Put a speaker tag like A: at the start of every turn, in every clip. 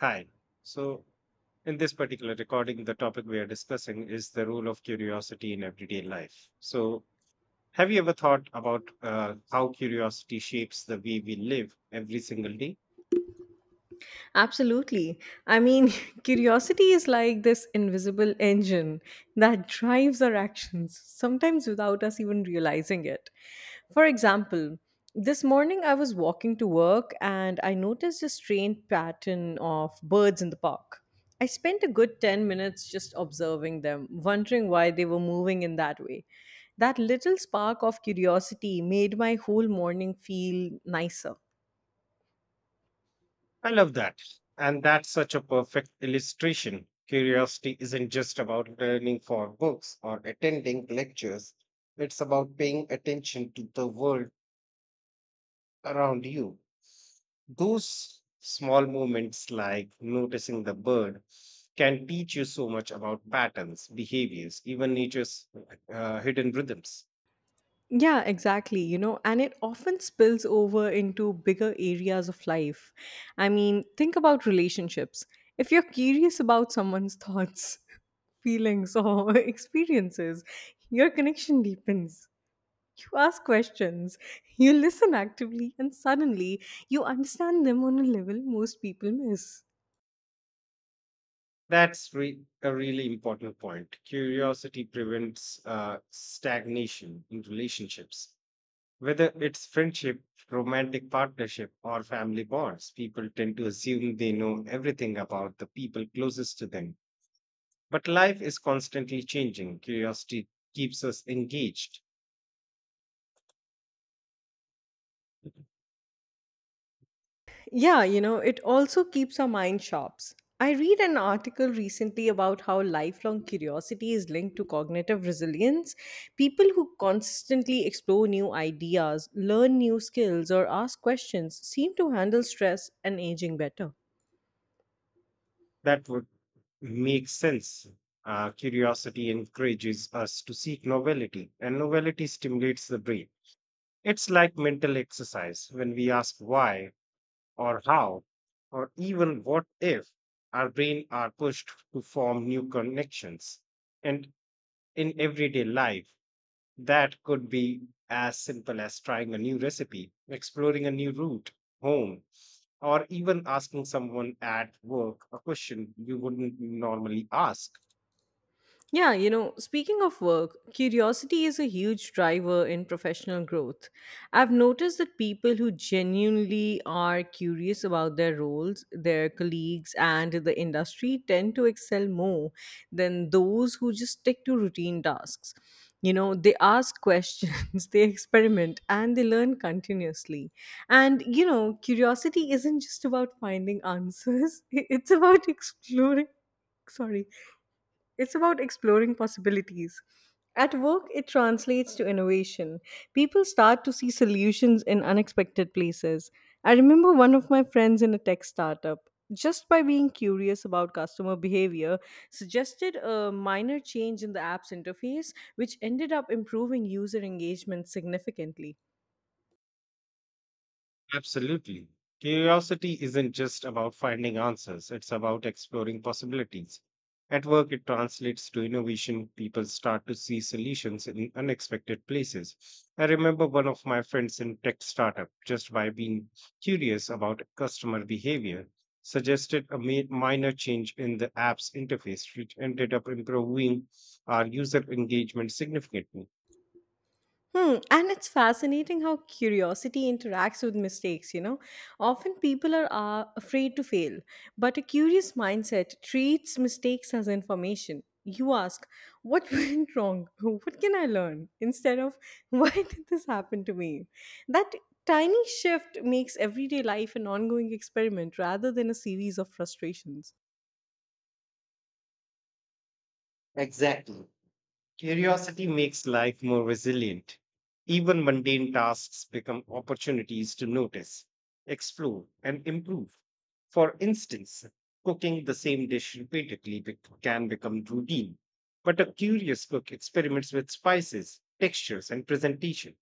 A: Hi. So, in this particular recording, the topic we are discussing is the role of curiosity in everyday life. So, have you ever thought about how curiosity shapes the way we live every single day?
B: Absolutely. I mean, curiosity is like this invisible engine that drives our actions, sometimes without us even realizing it. For example, this morning I was walking to work and I noticed a strange pattern of birds in the park. I spent a good 10 minutes just observing them, wondering why they were moving in that way. That little spark of curiosity made my whole morning feel nicer.
A: I love that. And that's such a perfect illustration. Curiosity isn't just about learning for books or attending lectures, it's about paying attention to the world around you. Those small moments, like noticing the bird, can teach you so much about patterns, behaviors, even nature's hidden rhythms.
B: Yeah, exactly. You know, and it often spills over into bigger areas of life. I mean, think about relationships. If you're curious about someone's thoughts, feelings, or experiences, your connection deepens. You ask questions, you listen actively, and suddenly you understand them on a level most people miss.
A: That's a really important point. Curiosity prevents stagnation in relationships. Whether it's friendship, romantic partnership, or family bonds, people tend to assume they know everything about the people closest to them. But life is constantly changing. Curiosity keeps us engaged.
B: Yeah, you know, it also keeps our mind sharp. I read an article recently about how lifelong curiosity is linked to cognitive resilience. People who constantly explore new ideas, learn new skills, or ask questions seem to handle stress and aging better.
A: That would make sense. Curiosity encourages us to seek novelty, and novelty stimulates the brain. It's like mental exercise. When we ask why, or how, or even what if our brain are pushed to form new connections. And in everyday life, that could be as simple as trying a new recipe, exploring a new route home, or even asking someone at work a question you wouldn't normally ask.
B: Yeah, you know, speaking of work, curiosity is a huge driver in professional growth. I've noticed that people who genuinely are curious about their roles, their colleagues, and the industry tend to excel more than those who just stick to routine tasks. You know, they ask questions, they experiment, and they learn continuously. And, you know, curiosity isn't just about finding answers, it's about exploring sorry it's about exploring possibilities. At work, it translates to innovation. People start to see solutions in unexpected places. I remember one of my friends in a tech startup, just by being curious about customer behavior, suggested a minor change in the app's interface, which ended up improving user engagement significantly.
A: Absolutely. Curiosity isn't just about finding answers, it's about exploring possibilities. At work, it translates to innovation. People start to see solutions in unexpected places. I remember one of my friends in tech startup, just by being curious about customer behavior, suggested a minor change in the app's interface, which ended up improving our user engagement significantly.
B: Hmm, and it's fascinating how curiosity interacts with mistakes, you know. Often people are afraid to fail, but a curious mindset treats mistakes as information. You ask, what went wrong? What can I learn? Instead of, why did this happen to me? That tiny shift makes everyday life an ongoing experiment rather than a series of frustrations.
A: Exactly. Curiosity makes life more resilient. Even mundane tasks become opportunities to notice, explore, and improve. For instance, cooking the same dish repeatedly can become routine, but a curious cook experiments with spices, textures, and presentation.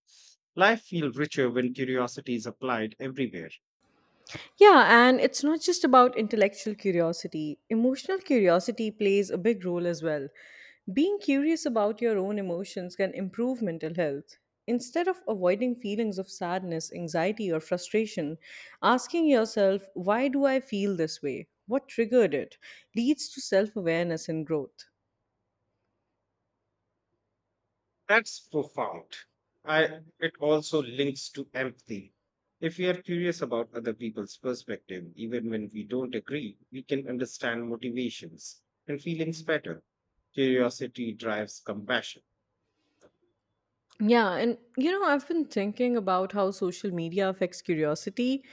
A: Life feels richer when curiosity is applied everywhere.
B: Yeah, and it's not just about intellectual curiosity. Emotional curiosity plays a big role as well. Being curious about your own emotions can improve mental health. Instead of avoiding feelings of sadness, anxiety, or frustration, asking yourself, why do I feel this way? What triggered it? Leads to self awareness and growth.
A: That's profound. I It also links to empathy. If we are curious about other people's perspective, even when we don't agree, we can understand motivations and feelings better. Curiosity drives compassion.
B: Yeah, and you know, I've been thinking about how social media affects curiosity.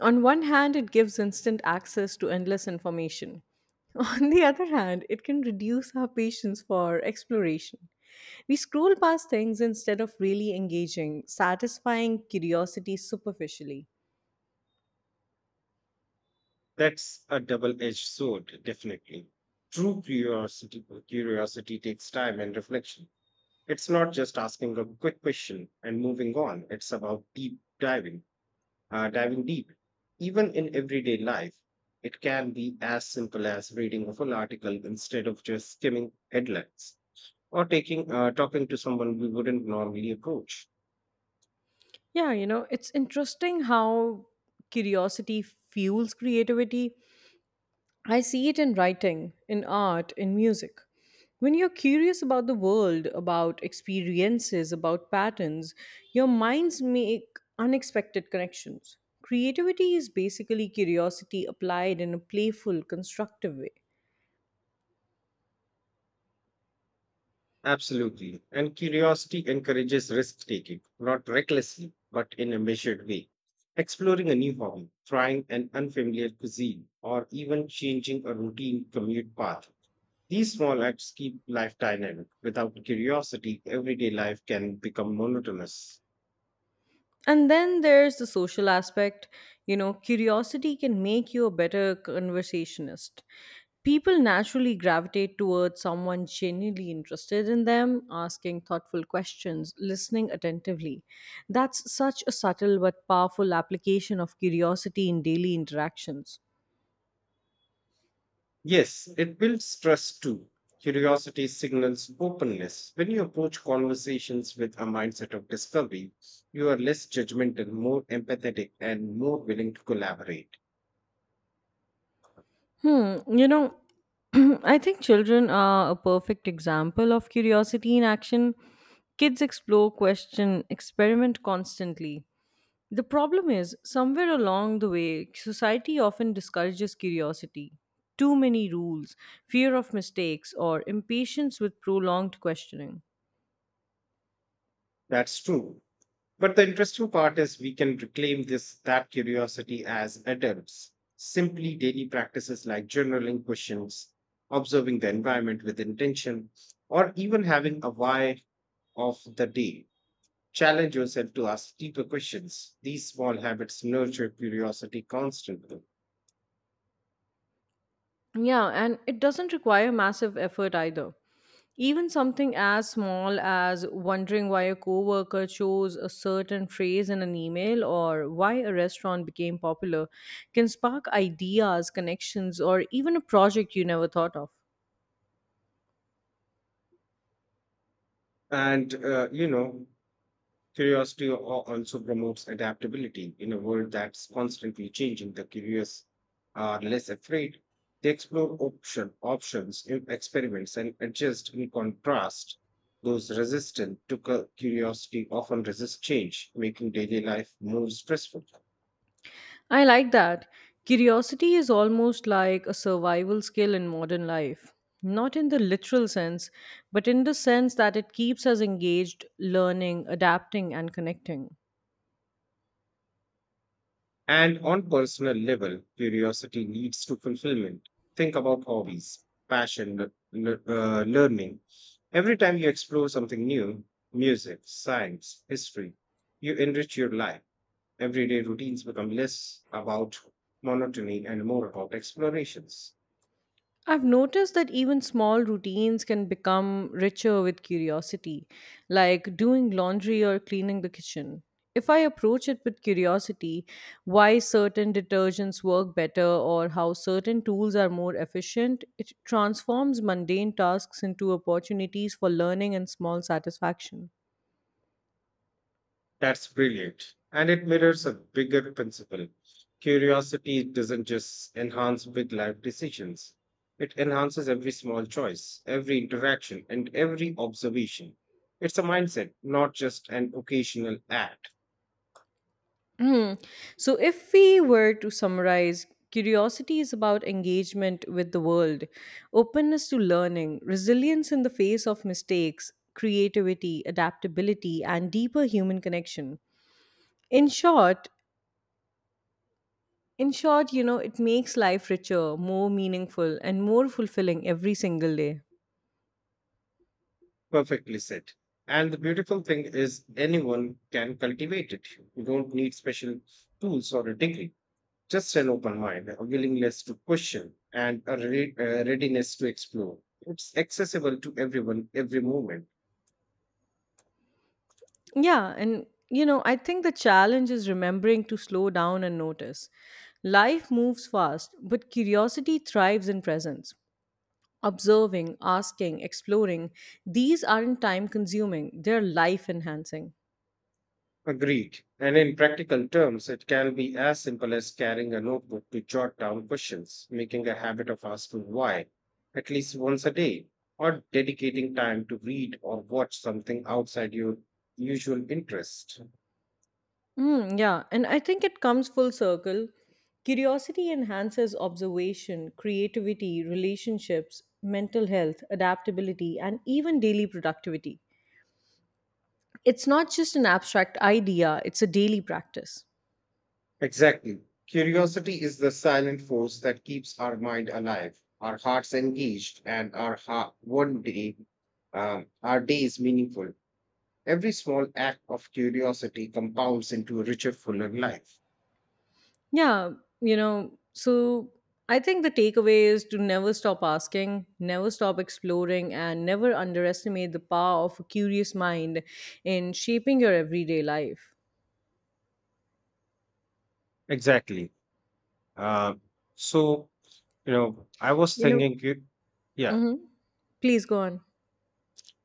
B: On one hand, it gives instant access to endless information. On the other hand, it can reduce our patience for exploration. We scroll past things instead of really engaging, satisfying curiosity superficially.
A: That's a double-edged sword, definitely. True curiosity takes time and reflection. It's not just asking a quick question and moving on. It's about deep diving diving deep, even in everyday life. It can be as simple as reading a full article instead of just skimming headlines, or taking talking to someone we wouldn't normally approach.
B: Yeah, you know, it's interesting how curiosity fuels creativity. I see it in writing, in art, in music. When you're curious about the world, about experiences, about patterns, your minds make unexpected connections. Creativity is basically curiosity applied in a playful, constructive way.
A: Absolutely. And curiosity encourages risk taking, not recklessly, but in a measured way. Exploring a new hobby, trying an unfamiliar cuisine, or even changing a routine commute path. These small acts keep life dynamic. Without curiosity, everyday life can become monotonous.
B: And then there's the social aspect. You know, curiosity can make you a better conversationist. People naturally gravitate towards someone genuinely interested in them, asking thoughtful questions, listening attentively. That's such a subtle but powerful application of curiosity in daily interactions.
A: Yes, it builds trust too. Curiosity signals openness. When you approach conversations with a mindset of discovery, you are less judgmental, more empathetic, and more willing to collaborate.
B: Hmm, you know, I think children are a perfect example of curiosity in action. Kids explore, question, experiment constantly. The problem is, somewhere along the way, society often discourages curiosity. Too many rules, fear of mistakes, or impatience with prolonged questioning.
A: That's true. But the interesting part is we can reclaim this that curiosity as adults. Simply daily practices like journaling questions, observing the environment with intention, or even having a why of the day. Challenge yourself to ask deeper questions. These small habits nurture curiosity constantly.
B: Yeah, and it doesn't require massive effort either. Even something as small as wondering why a coworker chose a certain phrase in an email or why a restaurant became popular can spark ideas, connections, or even a project you never thought of.
A: And, curiosity also promotes adaptability in a world that's constantly changing. The curious are less afraid. They explore options, experiments, and adjust in contrast. Those resistant to curiosity often resist change, making daily life more stressful.
B: I like that. Curiosity is almost like a survival skill in modern life. Not in the literal sense, but in the sense that it keeps us engaged, learning, adapting, and connecting.
A: And on personal level, curiosity leads to fulfillment. Think about hobbies, passion, learning. Every time you explore something new, music, science, history, you enrich your life. Everyday routines become less about monotony and more about explorations.
B: I've noticed that even small routines can become richer with curiosity, like doing laundry or cleaning the kitchen. If I approach it with curiosity, why certain detergents work better or how certain tools are more efficient, it transforms mundane tasks into opportunities for learning and small satisfaction.
A: That's brilliant. And it mirrors a bigger principle. Curiosity doesn't just enhance big life decisions, it enhances every small choice, every interaction, and every observation. It's a mindset, not just an occasional act.
B: Hmm. So, if we were to summarize, curiosity is about engagement with the world, openness to learning, resilience in the face of mistakes, creativity, adaptability, and deeper human connection. In short, in short, you know, it makes life richer, more meaningful, and more fulfilling every single day.
A: Perfectly said. And the beautiful thing is, anyone can cultivate it. You don't need special tools or a degree. Just an open mind, a willingness to question, and a readiness to explore. It's accessible to everyone, every moment.
B: Yeah, and you know, I think the challenge is remembering to slow down and notice. Life moves fast, but curiosity thrives in presence. Observing, asking, exploring, these aren't time consuming, they're life enhancing.
A: Agreed. And in practical terms, it can be as simple as carrying a notebook to jot down questions, making a habit of asking why at least once a day, or dedicating time to read or watch something outside your usual interest.
B: Mm, yeah, and I think it comes full circle. Curiosity enhances observation, creativity, relationships, mental health, adaptability, and even daily productivity. It's not just an abstract idea, it's a daily practice.
A: Exactly. Curiosity is the silent force that keeps our mind alive, our hearts engaged, and our days meaningful. Every small act of curiosity compounds into a richer, fuller life.
B: Yeah, you know, so I think the takeaway is to never stop asking, never stop exploring, and never underestimate the power of a curious mind in shaping your everyday life.
A: Exactly. Uh, so, I was
B: You know,
A: thinking. Yeah.
B: mhm. Please go on.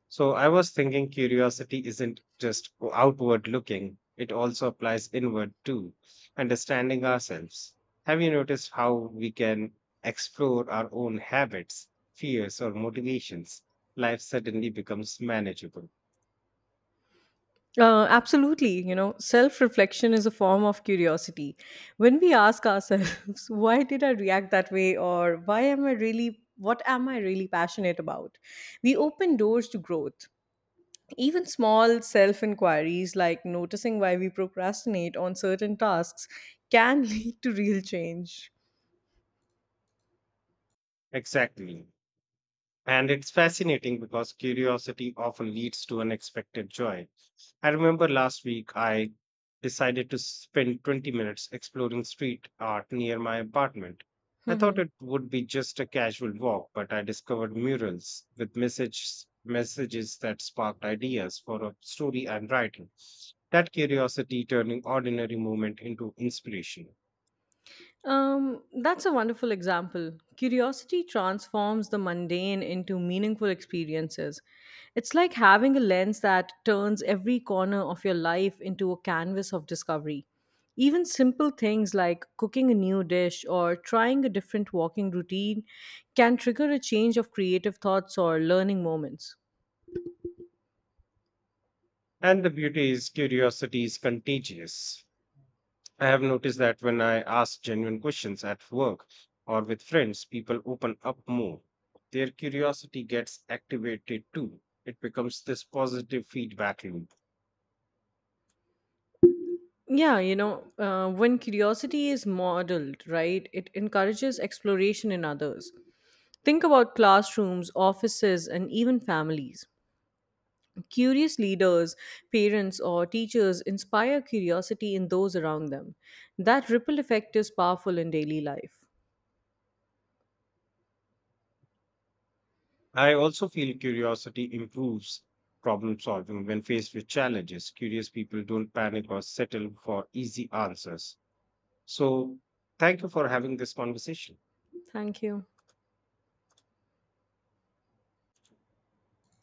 A: So I was thinking curiosity isn't just outward looking, it also applies inward too, understanding ourselves. Have you noticed how we can explore our own habits, fears, or motivations? Life suddenly becomes manageable.
B: Absolutely. You know, self reflection is a form of curiosity. When we ask ourselves, why did I react that way? Or why am I really, what am I really passionate about? We open doors to growth. Even small self inquiries like noticing why we procrastinate on certain tasks can lead to real change.
A: Exactly. And it's fascinating because curiosity often leads to unexpected joy. I remember last week I decided to spend 20 minutes exploring street art near my apartment. I thought
B: Mhm.
A: it would be just a casual walk, but I discovered murals with messages that sparked ideas for a story I'm writing. That curiosity turning ordinary movement into inspiration.
B: That's a wonderful example. Curiosity transforms the mundane into meaningful experiences. It's like having a lens that turns every corner of your life into a canvas of discovery. Even simple things like cooking a new dish or trying a different walking routine can trigger a change of creative thoughts or learning moments.
A: And the beauty is curiosity is contagious. I have noticed that when I ask genuine questions at work or with friends, people open up more. Their curiosity gets activated too. It becomes this positive feedback loop.
B: Yeah, you know, when curiosity is modeled, right, it encourages exploration in others. Think about classrooms, offices, and even families. Curious leaders, parents, or teachers inspire curiosity in those around them. That ripple effect is powerful in daily life.
A: I also feel curiosity improves problem solving when faced with challenges. Curious people don't panic or settle for easy answers. So, thank you for having this conversation.
B: Thank you.